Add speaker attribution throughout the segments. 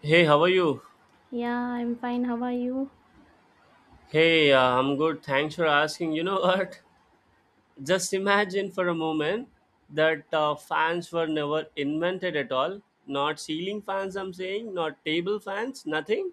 Speaker 1: Hey, how are you?
Speaker 2: Yeah, I'm fine. How are you?
Speaker 1: Hey, I'm good. Thanks for asking. You know what? Just imagine for a moment that fans were never invented at all. Not ceiling fans, I'm saying, not table fans, nothing.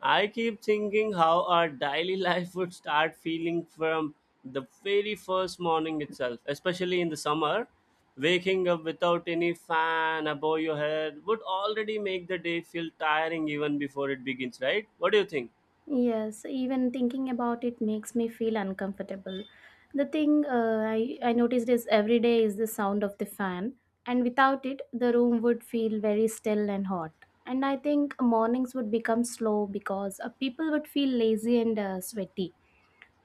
Speaker 1: I keep thinking how our daily life would start feeling from the very first morning itself, especially in the summer. Waking up without any fan above your head would already make the day feel tiring even before it begins, right? What do you think?
Speaker 2: Yes, even thinking about it makes me feel uncomfortable. The thing I noticed is every day is the sound of the fan, and without it, the room would feel very still and hot. And I think mornings would become slow because people would feel lazy and sweaty.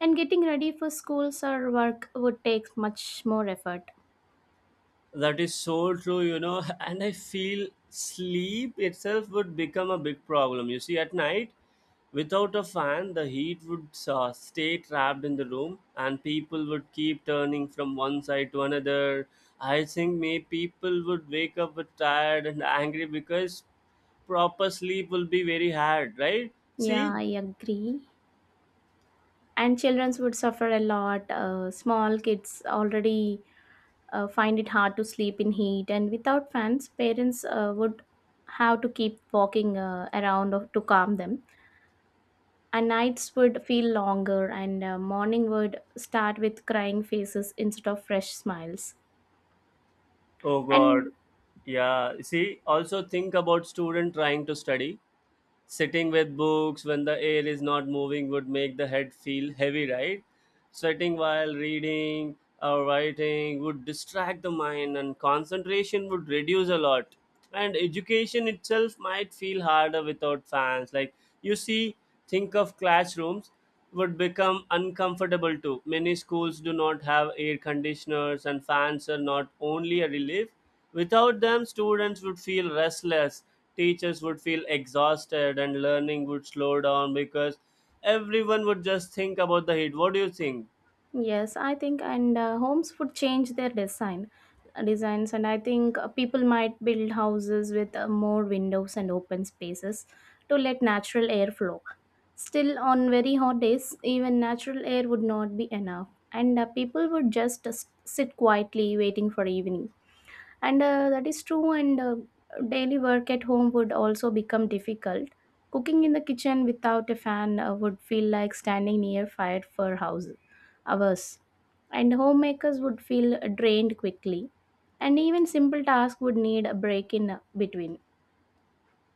Speaker 2: And getting ready for schools or work would take much more effort.
Speaker 1: That is so true, you know, and I feel sleep itself would become a big problem. You see, at night, without a fan, the heat would stay trapped in the room, and people would keep turning from one side to another. I think may people would wake up with tired and angry because proper sleep will be very hard, right?
Speaker 2: Yeah,
Speaker 1: See,
Speaker 2: I agree. And children would suffer a lot. Small kids already find it hard to sleep in heat, and without fans, parents would have to keep walking around to calm them, and nights would feel longer, and morning would start with crying faces instead of fresh smiles
Speaker 1: oh god,
Speaker 2: and
Speaker 1: yeah. See, also think about student trying to study sitting with books when the air is not moving would make the head feel heavy, right? Sweating while reading or writing would distract the mind, and concentration would reduce a lot, and education itself might feel harder without fans. Like, you see, think of classrooms. Would become uncomfortable too. Many schools do not have air conditioners, and fans are not only a relief. Without them, students would feel restless, teachers would feel exhausted, and learning would slow down because everyone would just think about the heat. What do you think?
Speaker 2: Yes, I think, and homes would change their designs, and I think people might build houses with more windows and open spaces to let natural air flow. Still, on very hot days, even natural air would not be enough, and people would just sit quietly waiting for evening. And That is true, and daily work at home would also become difficult. Cooking in the kitchen without a fan would feel like standing near fire for house hours, and homemakers would feel drained quickly, and even simple tasks would need a break in between.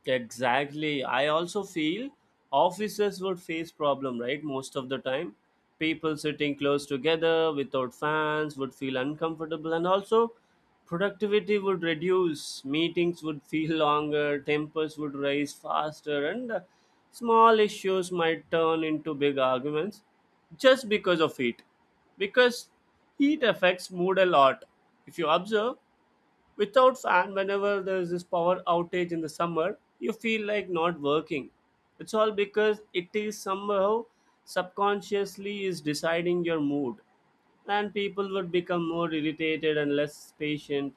Speaker 1: Exactly. I also feel officers would face problem, right? Most of the time, people sitting close together without fans would feel uncomfortable, and also productivity would reduce. Meetings would feel longer. Tempers would rise faster, and small issues might turn into big arguments just because of heat. Because heat affects mood a lot. If you observe, without fan, whenever there's this power outage in the summer, you feel like not working. It's all because it is somehow subconsciously is deciding your mood. And people would become more irritated and less patient.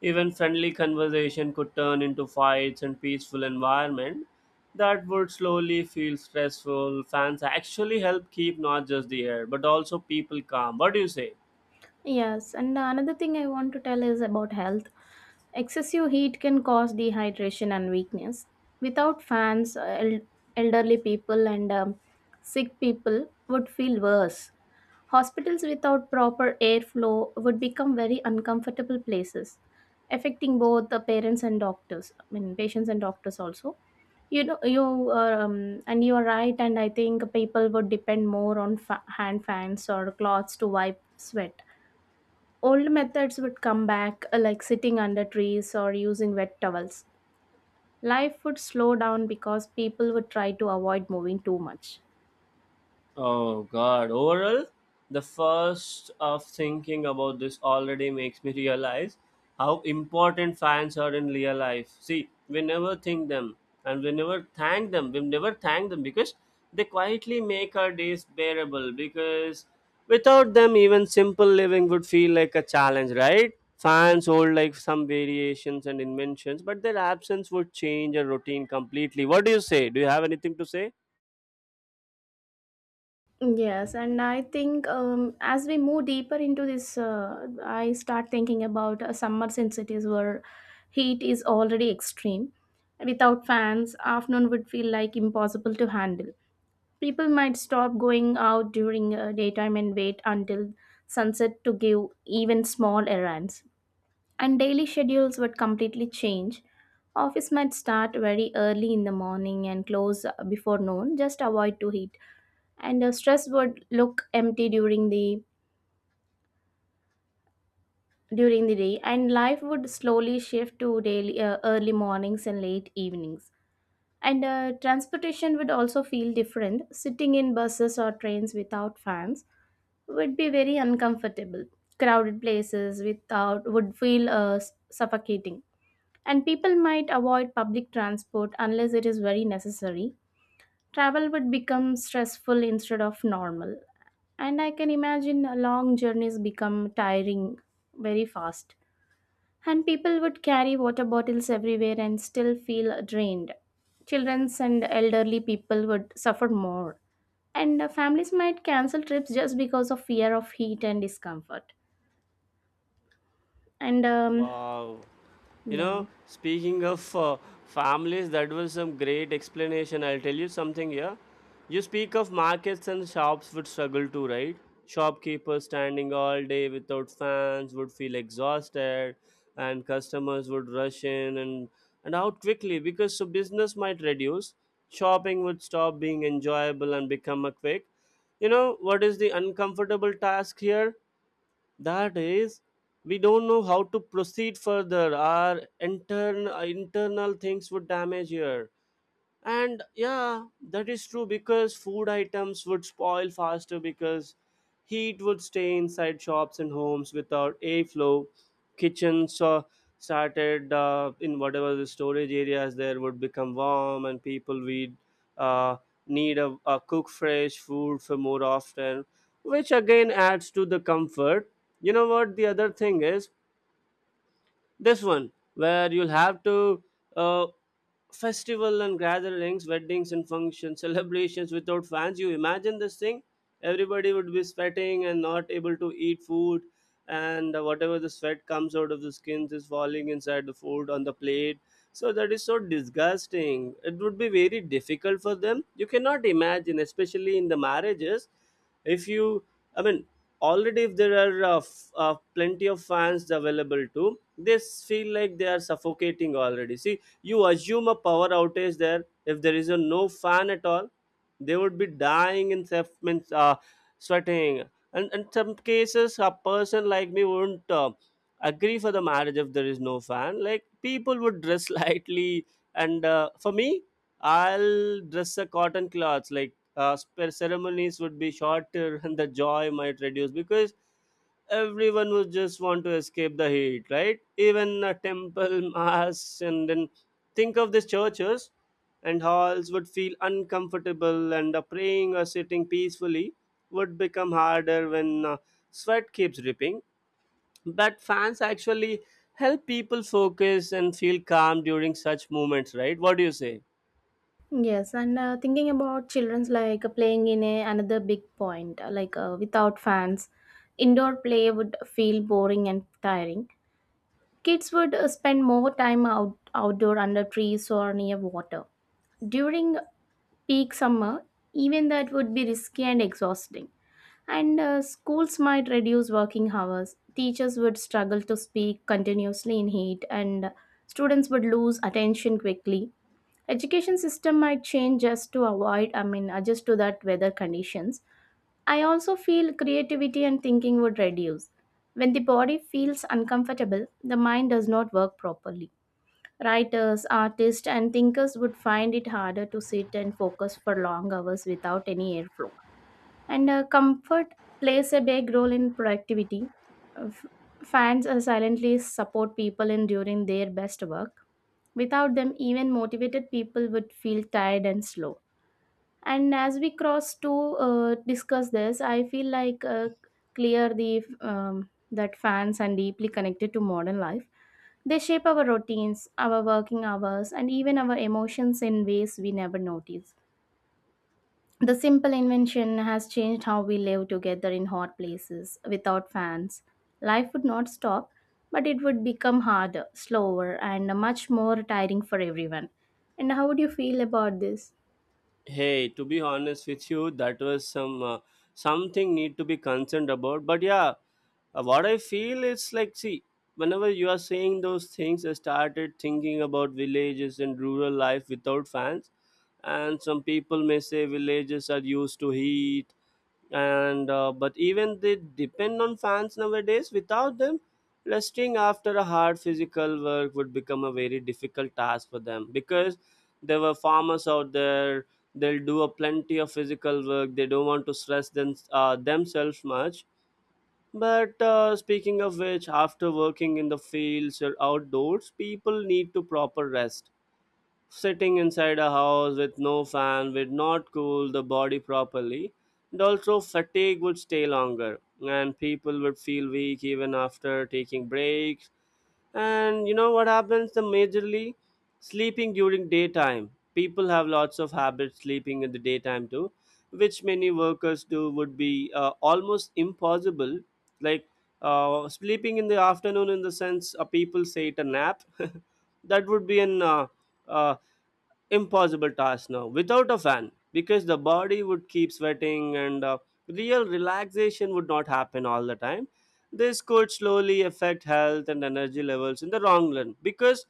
Speaker 1: Even friendly conversation could turn into fights, and peaceful environment that would slowly feel stressful. Fans actually help keep not just the air, but also people calm. What do you say?
Speaker 2: Yes, and another thing I want to tell is about health. Excessive heat can cause dehydration and weakness. Without fans, elderly people and sick people would feel worse. Hospitals without proper airflow would become very uncomfortable places, affecting both the parents and doctors. I mean, patients and doctors also. You know, you and you are right, and I think people would depend more on hand fans or cloths to wipe sweat. Old methods would come back, like sitting under trees or using wet towels. Life would slow down because people would try to avoid moving too much.
Speaker 1: Oh God! Overall, the first of thinking about this already makes me realize how important fans are in real life. See, we never think them, and we never thank them. We never thank them because they quietly make our days bearable. Because without them, even simple living would feel like a challenge, right? Fans hold like some variations and inventions, but their absence would change a routine completely. What do you say? Do you have anything to say?
Speaker 2: Yes, and I think as we move deeper into this, I start thinking about summers in cities where heat is already extreme. Without fans, afternoon would feel like impossible to handle. People might stop going out during daytime and wait until sunset to give even small errands, and daily schedules would completely change. Office might start very early in the morning and close before noon, just avoid to heat. And stress would look empty during the day, and life would slowly shift to daily early mornings and late evenings. And transportation would also feel different. Sitting in buses or trains without fans would be very uncomfortable. Crowded places without would feel suffocating, and people might avoid public transport unless it is very necessary. Travel would become stressful instead of normal, and I can imagine long journeys become tiring very fast. And people would carry water bottles everywhere and still feel drained. Children's and elderly people would suffer more. And families might cancel trips just because of fear of heat and discomfort. And
Speaker 1: Wow. You
Speaker 2: Yeah.
Speaker 1: know, speaking of families, that was some great explanation. I'll tell you something here. You speak of markets, and shops would struggle too, right? Shopkeepers standing all day without fans would feel exhausted, and customers would rush in and out quickly because so business might reduce. Shopping would stop being enjoyable and become a quick. You know what is the uncomfortable task here? That is, we don't know how to proceed further. Our internal things would damage here, and yeah, that is true because food items would spoil faster because heat would stay inside shops and homes without airflow. Kitchens started in whatever the storage areas there would become warm, and people would uh, need a cook fresh food for more often, which again adds to the comfort. You know what? The other thing is this one where you'll have to, uh, festival and gatherings, weddings and functions, celebrations without fans. You imagine this thing, everybody would be sweating and not able to eat food, and whatever the sweat comes out of the skins is falling inside the food on the plate. So that is so disgusting. It would be very difficult for them. You cannot imagine, especially in the marriages. If you, I mean, already if there are plenty of fans available too, they feel like they are suffocating already. See, you assume a power outage there. If there is a no fan at all, they would be dying in self, means sweating, and in some cases a person like me wouldn't agree for the marriage if there is no fan. Like, people would dress lightly, and for me, I'll dress a cotton clothes. Like, ceremonies would be shorter, and the joy might reduce because everyone would just want to escape the heat, right? Even a temple mass, and then think of these churches and halls would feel uncomfortable, and praying or sitting peacefully would become harder when sweat keeps dripping. But fans actually help people focus and feel calm during such moments, right? What do you say?
Speaker 2: Yes, and thinking about children's like playing in another big point, without fans, indoor play would feel boring and tiring. Kids would spend more time out outdoor under trees or near water. During peak summer, even that would be risky and exhausting. And schools might reduce working hours, teachers would struggle to speak continuously in heat, and students would lose attention quickly. Education system might change just to avoid, I mean, adjust to that weather conditions. I also feel creativity and thinking would reduce. When the body feels uncomfortable, the mind does not work properly. Writers, artists, and thinkers would find it harder to sit and focus for long hours without any airflow. And comfort plays a big role in productivity. Uh, f- Fans silently support people in during their best work. Without them, even motivated people would feel tired and slow. And as we cross to discuss this, I feel like clear the that fans are deeply connected to modern life. They shape our routines, our working hours, and even our emotions in ways we never notice. The simple invention has changed how we live together in hot places without fans. Life would not stop, but it would become harder, slower, and much more tiring for everyone. And how would you feel about this?
Speaker 1: Hey, to be honest with you, that was some something need to be concerned about. But yeah, what I feel is like, see, whenever you are saying those things, I started thinking about villages and rural life without fans. And some people may say villages are used to heat, and but even they depend on fans nowadays. Without them, resting after a hard physical work would become a very difficult task for them because there were farmers out there. They'll do a plenty of physical work. They don't want to stress themselves much. But speaking of which, after working in the fields or outdoors, people need to proper rest. Sitting inside a house with no fan would not cool the body properly, and also fatigue would stay longer, and people would feel weak even after taking breaks. And you know what happens? The majorly sleeping during daytime. People have lots of habits sleeping in the daytime too, which many workers do, would be almost impossible. Like, sleeping in the afternoon, in the sense, people say it a nap, that would be an uh, impossible task now without a fan because the body would keep sweating, and real relaxation would not happen all the time. This could slowly affect health and energy levels in the long run because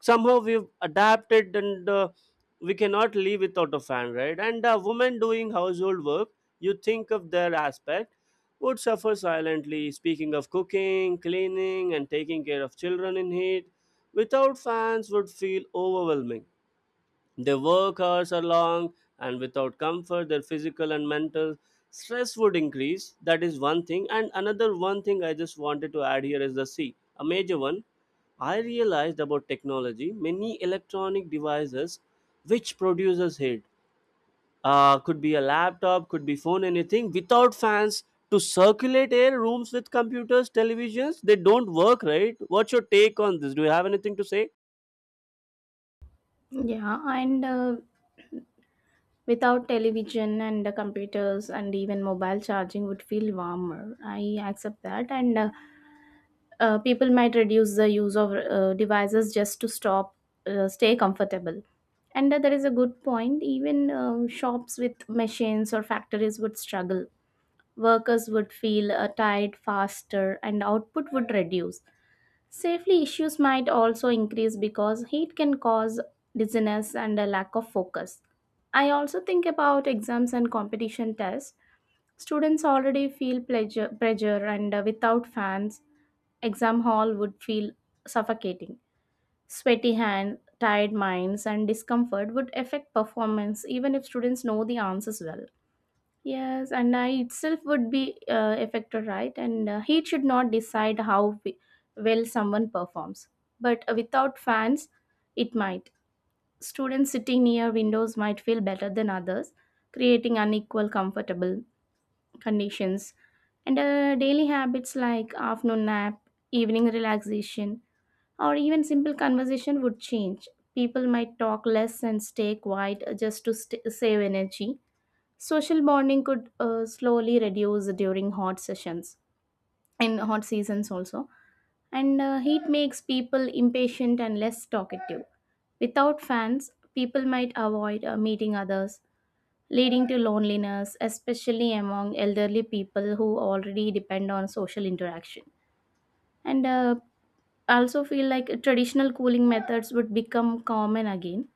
Speaker 1: somehow we've adapted, and we cannot live without a fan, right? And a woman doing household work, you think of their aspect, would suffer silently. Speaking of cooking, cleaning, and taking care of children in heat without fans would feel overwhelming. Their work hours are long, and without comfort, their physical and mental stress would increase. That is one thing. And another one thing I just wanted to add here is the C, a major one. I realized about technology, many electronic devices which producers hate. Could be a laptop, could be phone, anything without fans to circulate air, rooms with computers, televisions. They don't work, right? What's your take on this? Do you have anything to say?
Speaker 2: Yeah, and without television and computers and even mobile charging would feel warmer. I accept that. And people might reduce the use of devices just to stop stay comfortable. And that is a good point. Even shops with machines or factories would struggle. Workers would feel tired faster, and output would reduce. Safety issues might also increase because heat can cause dizziness and a lack of focus. I also think about exams and competition tests. Students already feel pressure, and without fans, exam hall would feel suffocating. Sweaty hands, tired minds, and discomfort would affect performance even if students know the answers well. Yes, and I itself would be affected, right? And he should not decide how well someone performs. But without fans, it might. Students sitting near windows might feel better than others, creating unequal, comfortable conditions. And daily habits like afternoon nap, evening relaxation, or even simple conversation would change. People might talk less and stay quiet just to save energy. Social bonding could slowly reduce during hot sessions, in hot seasons also. And heat makes people impatient and less talkative. Without fans, people might avoid meeting others, leading to loneliness, especially among elderly people who already depend on social interaction. And I also feel like traditional cooling methods would become common again.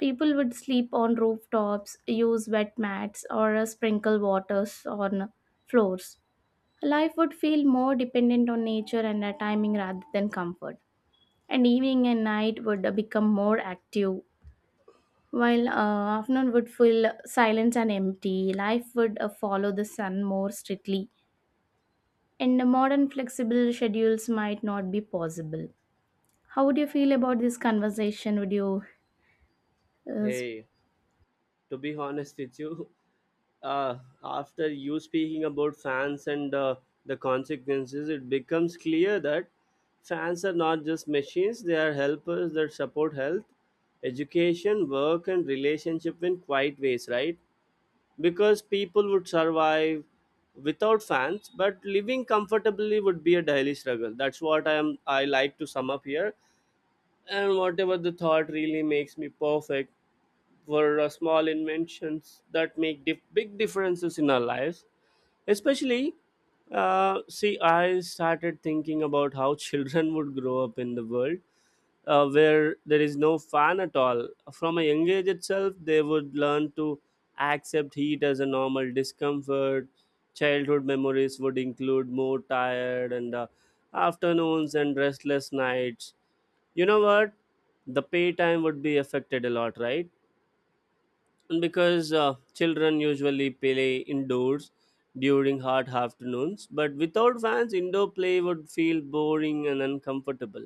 Speaker 2: People would sleep on rooftops, use wet mats, or sprinkle waters on floors. Life would feel more dependent on nature and timing rather than comfort. And evening and night would become more active, while afternoon would feel silent and empty. Life would follow the sun more strictly, and modern flexible schedules might not be possible. How would you feel about this conversation? Would you? Yes.
Speaker 1: Hey, to be honest with you, uh, after you speaking about fans and the consequences, it becomes clear that fans are not just machines, they are helpers that support health, education, work, and relationship in quiet ways, right? Because people would survive without fans, but living comfortably would be a daily struggle. That's what I am. I like to sum up here, and whatever the thought really makes me perfect were small inventions that make big differences in our lives. Especially, see, I started thinking about how children would grow up in the world where there is no fan at all. From a young age itself, they would learn to accept heat as a normal discomfort. Childhood memories would include more tired and afternoons and restless nights. You know what? The pay time would be affected a lot, right? And because children usually play indoors during hot afternoons, but without fans indoor play would feel boring and uncomfortable.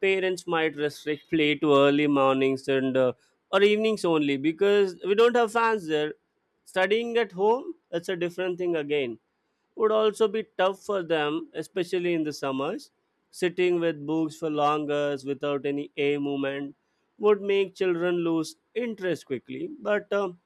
Speaker 1: Parents might restrict play to early mornings and or evenings only, because we don't have fans there. Studying at home, that's a different thing again, would also be tough for them, especially in the summers. Sitting with books for long hours without any air movement would make children lose interest quickly. But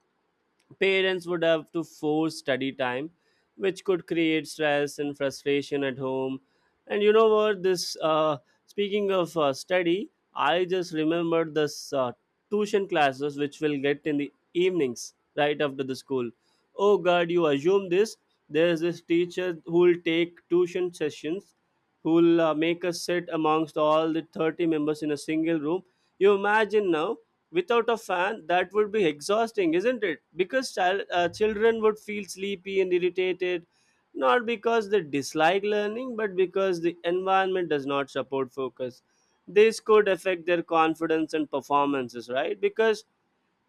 Speaker 1: parents would have to force study time, which could create stress and frustration at home. And you know what? This speaking of study, I just remembered this tuition classes which will get in the evenings right after the school. Oh God, you assume this? There's this teacher who will take tuition sessions, who will make us sit amongst all the 30 members in a single room. You imagine now without a fan that would be exhausting, isn't it? Because children would feel sleepy and irritated, not because they dislike learning but because the environment does not support focus. This could affect their confidence and performances, right? Because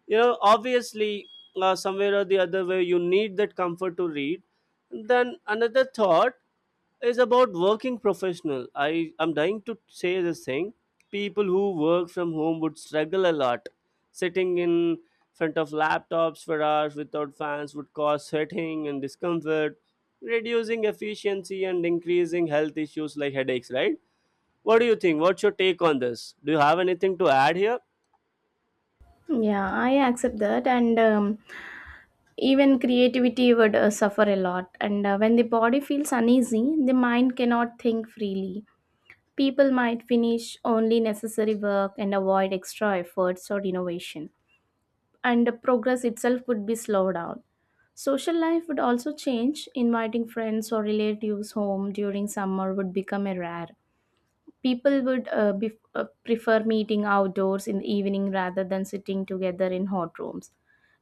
Speaker 1: you know obviously somewhere or the other way you need that comfort to read. Then another thought is about working professional. I am dying to say this thing. People who work from home would struggle a lot. Sitting in front of laptops for hours without fans would cause sweating and discomfort, reducing efficiency and increasing health issues like headaches, right? What do you think? What's your take on this? Do you have anything to add here?
Speaker 2: Yeah, I accept that, and even creativity would suffer a lot. And when the body feels uneasy, the mind cannot think freely. People might finish only necessary work and avoid extra efforts or innovation, and the progress itself would be slowed down. Social life would also change. Inviting friends or relatives home during summer would become a rare. People would prefer meeting outdoors in the evening rather than sitting together in hot rooms.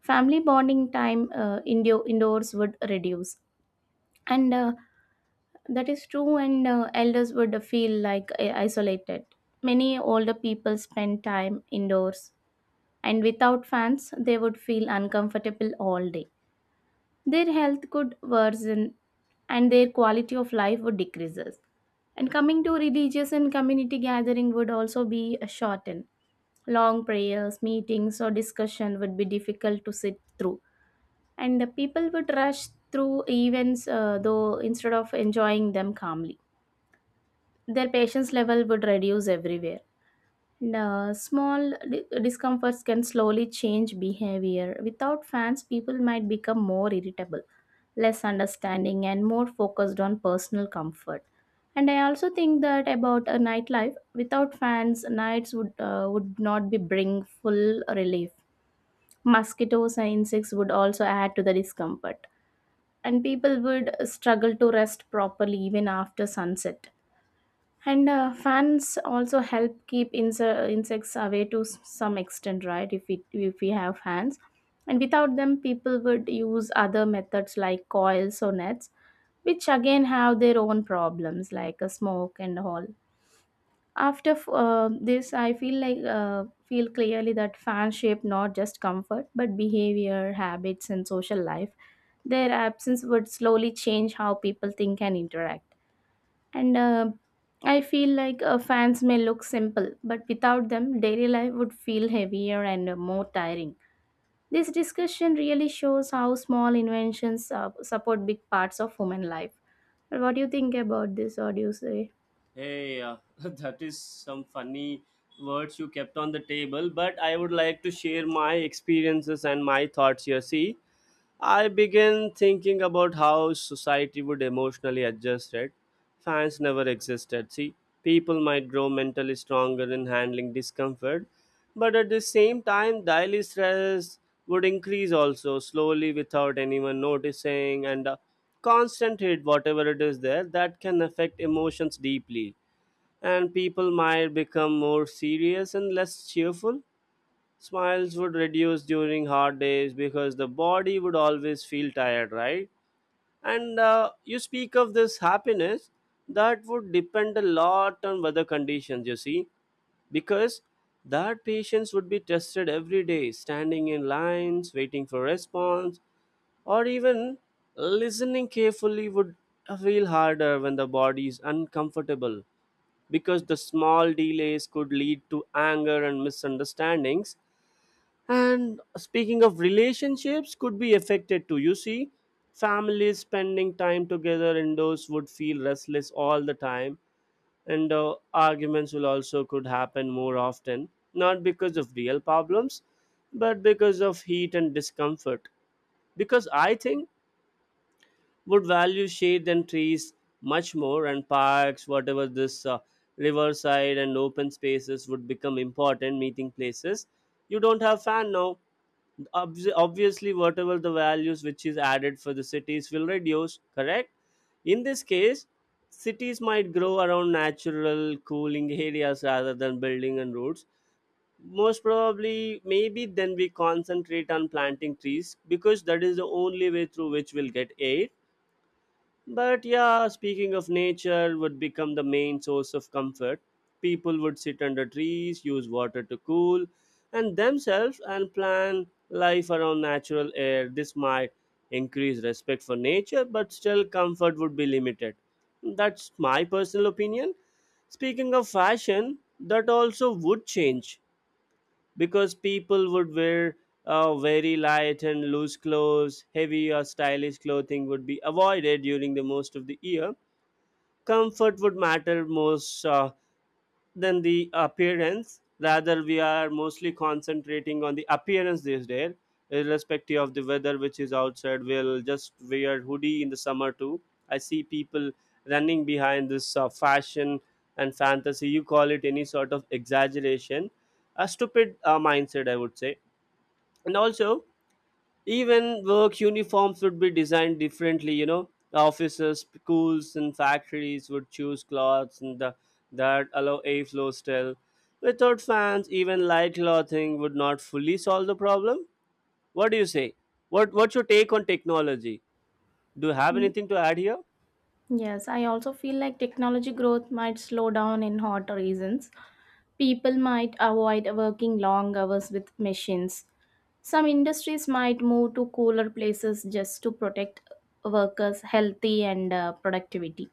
Speaker 2: Family bonding time indoors would reduce. And that is true, and elders would feel like isolated. Many older people spend time indoors, and without fans, they would feel uncomfortable all day. Their health could worsen, and their quality of life would decreases. And coming to religious and community gathering would also be shortened. Long prayers, meetings, or discussion would be difficult to sit through, and the people would rush through events though instead of enjoying them calmly. Their patience level would reduce everywhere, and small discomforts can slowly change behavior. Without fans, people might become more irritable, less understanding, and more focused on personal comfort. And I also think that about a nightlife, without fans, nights would not be bring full relief. Mosquitoes and insects would also add to the discomfort, and people would struggle to rest properly even after sunset. And fans also help keep insects away to some extent, right? If we have fans, and without them, people would use other methods like coils or nets, which again have their own problems like a smoke and all. This, I feel like feel clearly that fans shape not just comfort but behavior, habits, and social life. Their absence would slowly change how people think and interact. And I feel like fans may look simple, but without them, daily life would feel heavier and more tiring. This discussion really shows how small inventions support big parts of human life. What do you think about this? What do you say?
Speaker 1: Hey, that is some funny words you kept on the table, but I would like to share my experiences and my thoughts here. See, I began thinking about how society would emotionally adjust it. Fans never existed. See, people might grow mentally stronger in handling discomfort, but at the same time, daily stress would increase also slowly without anyone noticing. And constant hate, whatever it is there, that can affect emotions deeply, and people might become more serious and less cheerful. Smiles would reduce during hard days because the body would always feel tired, right? And you speak of this happiness that would depend a lot on weather conditions, you see, because that patients would be tested every day, standing in lines, waiting for response, or even listening carefully would feel harder when the body is uncomfortable, because the small delays could lead to anger and misunderstandings. And speaking of relationships, could be affected too, you see. Families spending time together indoors would feel restless all the time, and arguments will also could happen more often, not because of real problems but because of heat and discomfort. Because I think would value shade and trees much more, and parks, whatever this, riverside and open spaces would become important meeting places. You don't have fan now. Obviously, whatever the values which is added for the cities will reduce, correct? In this case, cities might grow around natural cooling areas rather than building and roads. Most probably maybe then we concentrate on planting trees because that is the only way through which we'll get air. But yeah, speaking of nature, would become the main source of comfort. People would sit under trees, use water to cool, and themselves and plan life around natural air. This might increase respect for nature, but still comfort would be limited. That's my personal opinion. Speaking of fashion, that also would change, because people would wear very light and loose clothes. Heavy or stylish clothing would be avoided during the most of the year. Comfort would matter most, than the appearance. Rather, we are mostly concentrating on the appearance these days, irrespective of the weather which is outside. We'll just wear hoodie in the summer too. I see people running behind this fashion and fantasy. You call it any sort of exaggeration, a stupid mindset, I would say. And also, even work uniforms would be designed differently. You know, offices, schools and factories would choose cloths and the, that allow airflow. Still, without fans, even light clothing would not fully solve the problem. What do you say? What's your take on technology? Do you have
Speaker 2: Mm,
Speaker 1: anything to add here?
Speaker 2: yes, I also feel like technology growth might slow down in hot reasons. People might avoid working long hours with machines. Some industries might move to cooler places just to protect workers' healthy and productivity.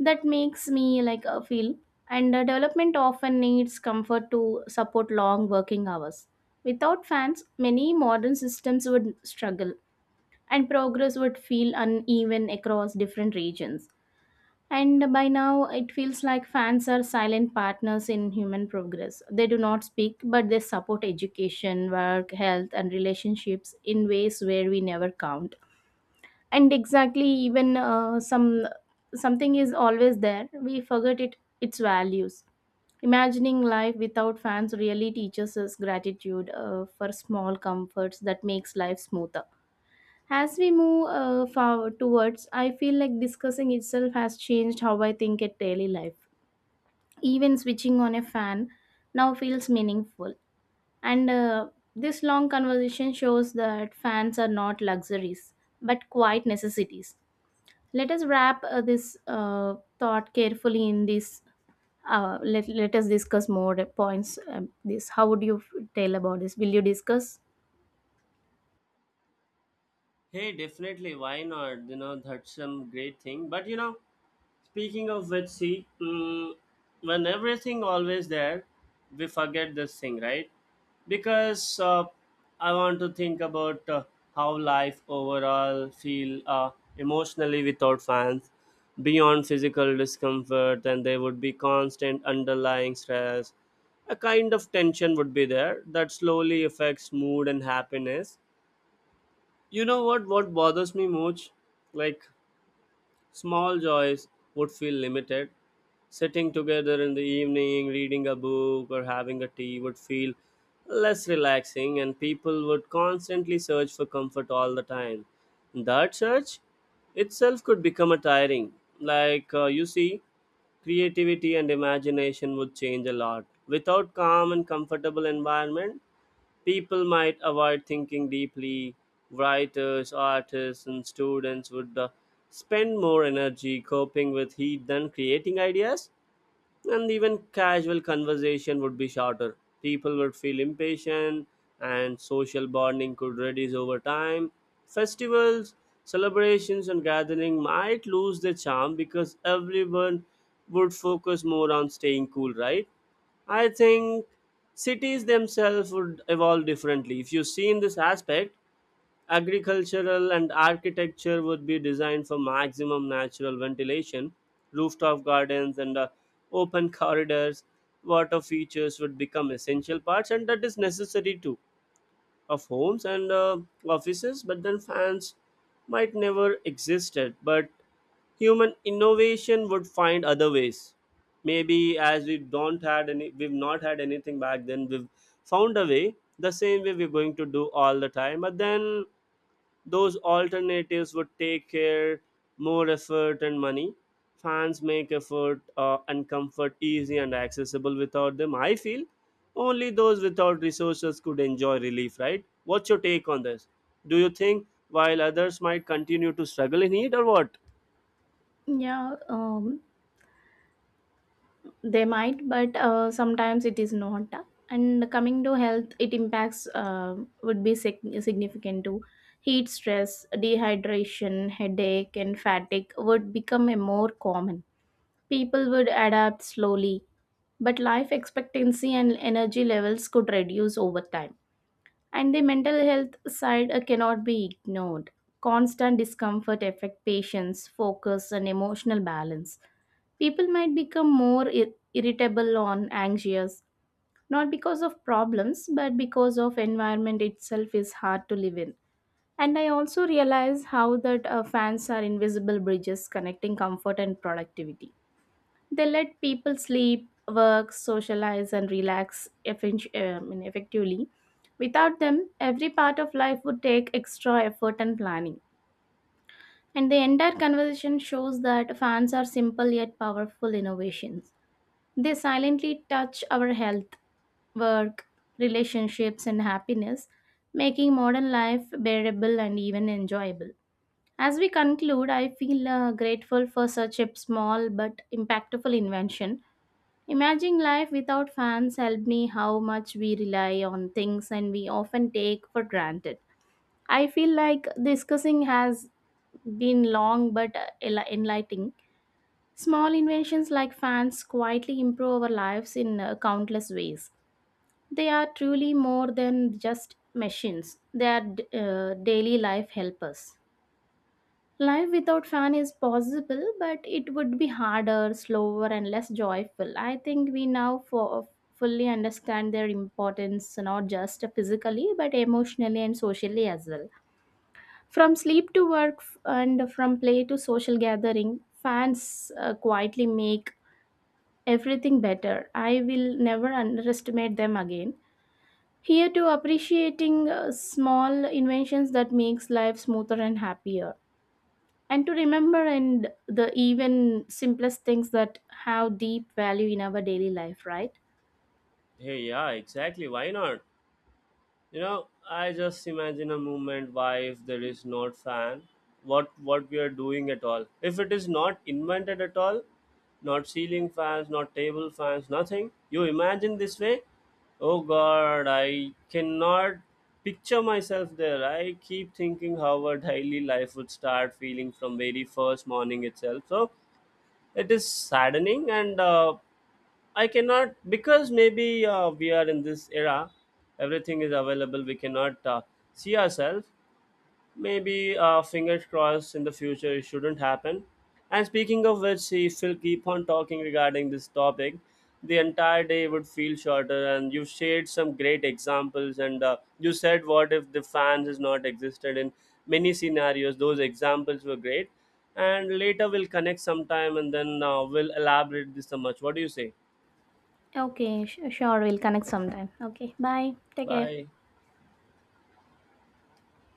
Speaker 2: That makes me like feel. And development often needs comfort to support long working hours. Without fans, many modern systems would struggle, and progress would feel uneven across different regions. And by now, it feels like fans are silent partners in human progress. They do not speak, but they support education, work, health, and relationships in ways where we never count. And exactly, even some something is always there. We forget it its values. Imagining life without fans really teaches us gratitude for small comforts that makes life smoother. As we move forward towards, I feel like discussing itself has changed how I think at daily life. Even switching on a fan now feels meaningful. And this long conversation shows that fans are not luxuries, but quite necessities. Let us wrap this thought carefully in this. Let us discuss more points. This, how would you tell about this? Will you discuss?
Speaker 1: Hey, definitely, why not? You know, that's some great thing. But you know, speaking of which, see, mm, when everything always there, we forget this thing, right? Because I want to think about how life overall feel emotionally without fans, beyond physical discomfort, and there would be constant underlying stress. A kind of tension would be there that slowly affects mood and happiness. You know what? What bothers me much, like, small joys would feel limited. Sitting together in the evening, reading a book, or having a tea would feel less relaxing, and people would constantly search for comfort all the time. That search itself could become a tiring. You see, creativity and imagination would change a lot. Without calm and comfortable environment, people might avoid thinking deeply. Writers, artists, and students would spend more energy coping with heat than creating ideas, and even casual conversation would be shorter. People would feel impatient, and social bonding could reduce over time. Festivals, celebrations, and gathering might lose their charm because everyone would focus more on staying cool, right? I think cities themselves would evolve differently. If you see in this aspect, agricultural and architecture would be designed for maximum natural ventilation, rooftop gardens and open corridors. Water features would become essential parts, and that is necessary too, of homes and offices. But then fans might never existed, but human innovation would find other ways. Maybe as we don't had any we've not had anything back then, we've found a way the same way we're going to do all the time. But then those alternatives would take care more effort and money. Fans make effort and comfort easy and accessible. Without them, I feel only those without resources could enjoy relief, right? What's your take on this? Do you think while others might continue to struggle in need or what?
Speaker 2: Yeah. They might, but sometimes it is not. And coming to health, it impacts would be significant too. Heat stress, dehydration, headache, and fatigue would become a more common. People would adapt slowly, but life expectancy and energy levels could reduce over time, and the mental health side cannot be ignored. Constant discomfort affect patients focus and emotional balance. People might become more irritable or anxious, not because of problems, but because of environment itself is hard to live in. And I also realize how that fans are invisible bridges connecting comfort and productivity. They let people sleep, work, socialize, and relax effectively. Without them, every part of life would take extra effort and planning. And the entire conversation shows that fans are simple yet powerful innovations. They silently touch our health, work, relationships, and happiness, making modern life bearable and even enjoyable. As we conclude, I feel grateful for such a small but impactful invention. Imagine life without fans helped me how much we rely on things and we often take for granted. I feel like discussing has been long but enlightening. Small inventions like fans quietly improve our lives in countless ways. They are truly more than just machines, they are daily life helpers. Life without fan is possible, but it would be harder, slower, and less joyful. I think we now fully understand their importance, not just physically, but emotionally and socially as well. From sleep to work and from play to social gathering, fans quietly make everything better. I will never underestimate them again. Here to appreciating small inventions that makes life smoother and happier, and to remember and the even simplest things that have deep value in our daily life, right?
Speaker 1: Hey, yeah, exactly. Why not? You know, I just imagine a movement. Why, if there is not fan, what we are doing at all? If it is not invented at all, not ceiling fans, not table fans, nothing. You imagine this way? Oh God, I cannot picture myself there. I keep thinking how our daily life would start feeling from very first morning itself. So it is saddening and. I cannot, because maybe we are in this era, everything is available. We cannot see ourselves. Maybe fingers crossed, in the future it shouldn't happen. And speaking of which, if we'll keep on talking regarding this topic, the entire day would feel shorter. And you shared some great examples, and you said what if the fans has not existed in many scenarios. Those examples were great. And later we'll connect sometime, and then we'll elaborate this so much. What do you say?
Speaker 2: Okay, sure, we'll connect sometime. Okay, bye, take care.
Speaker 1: Bye.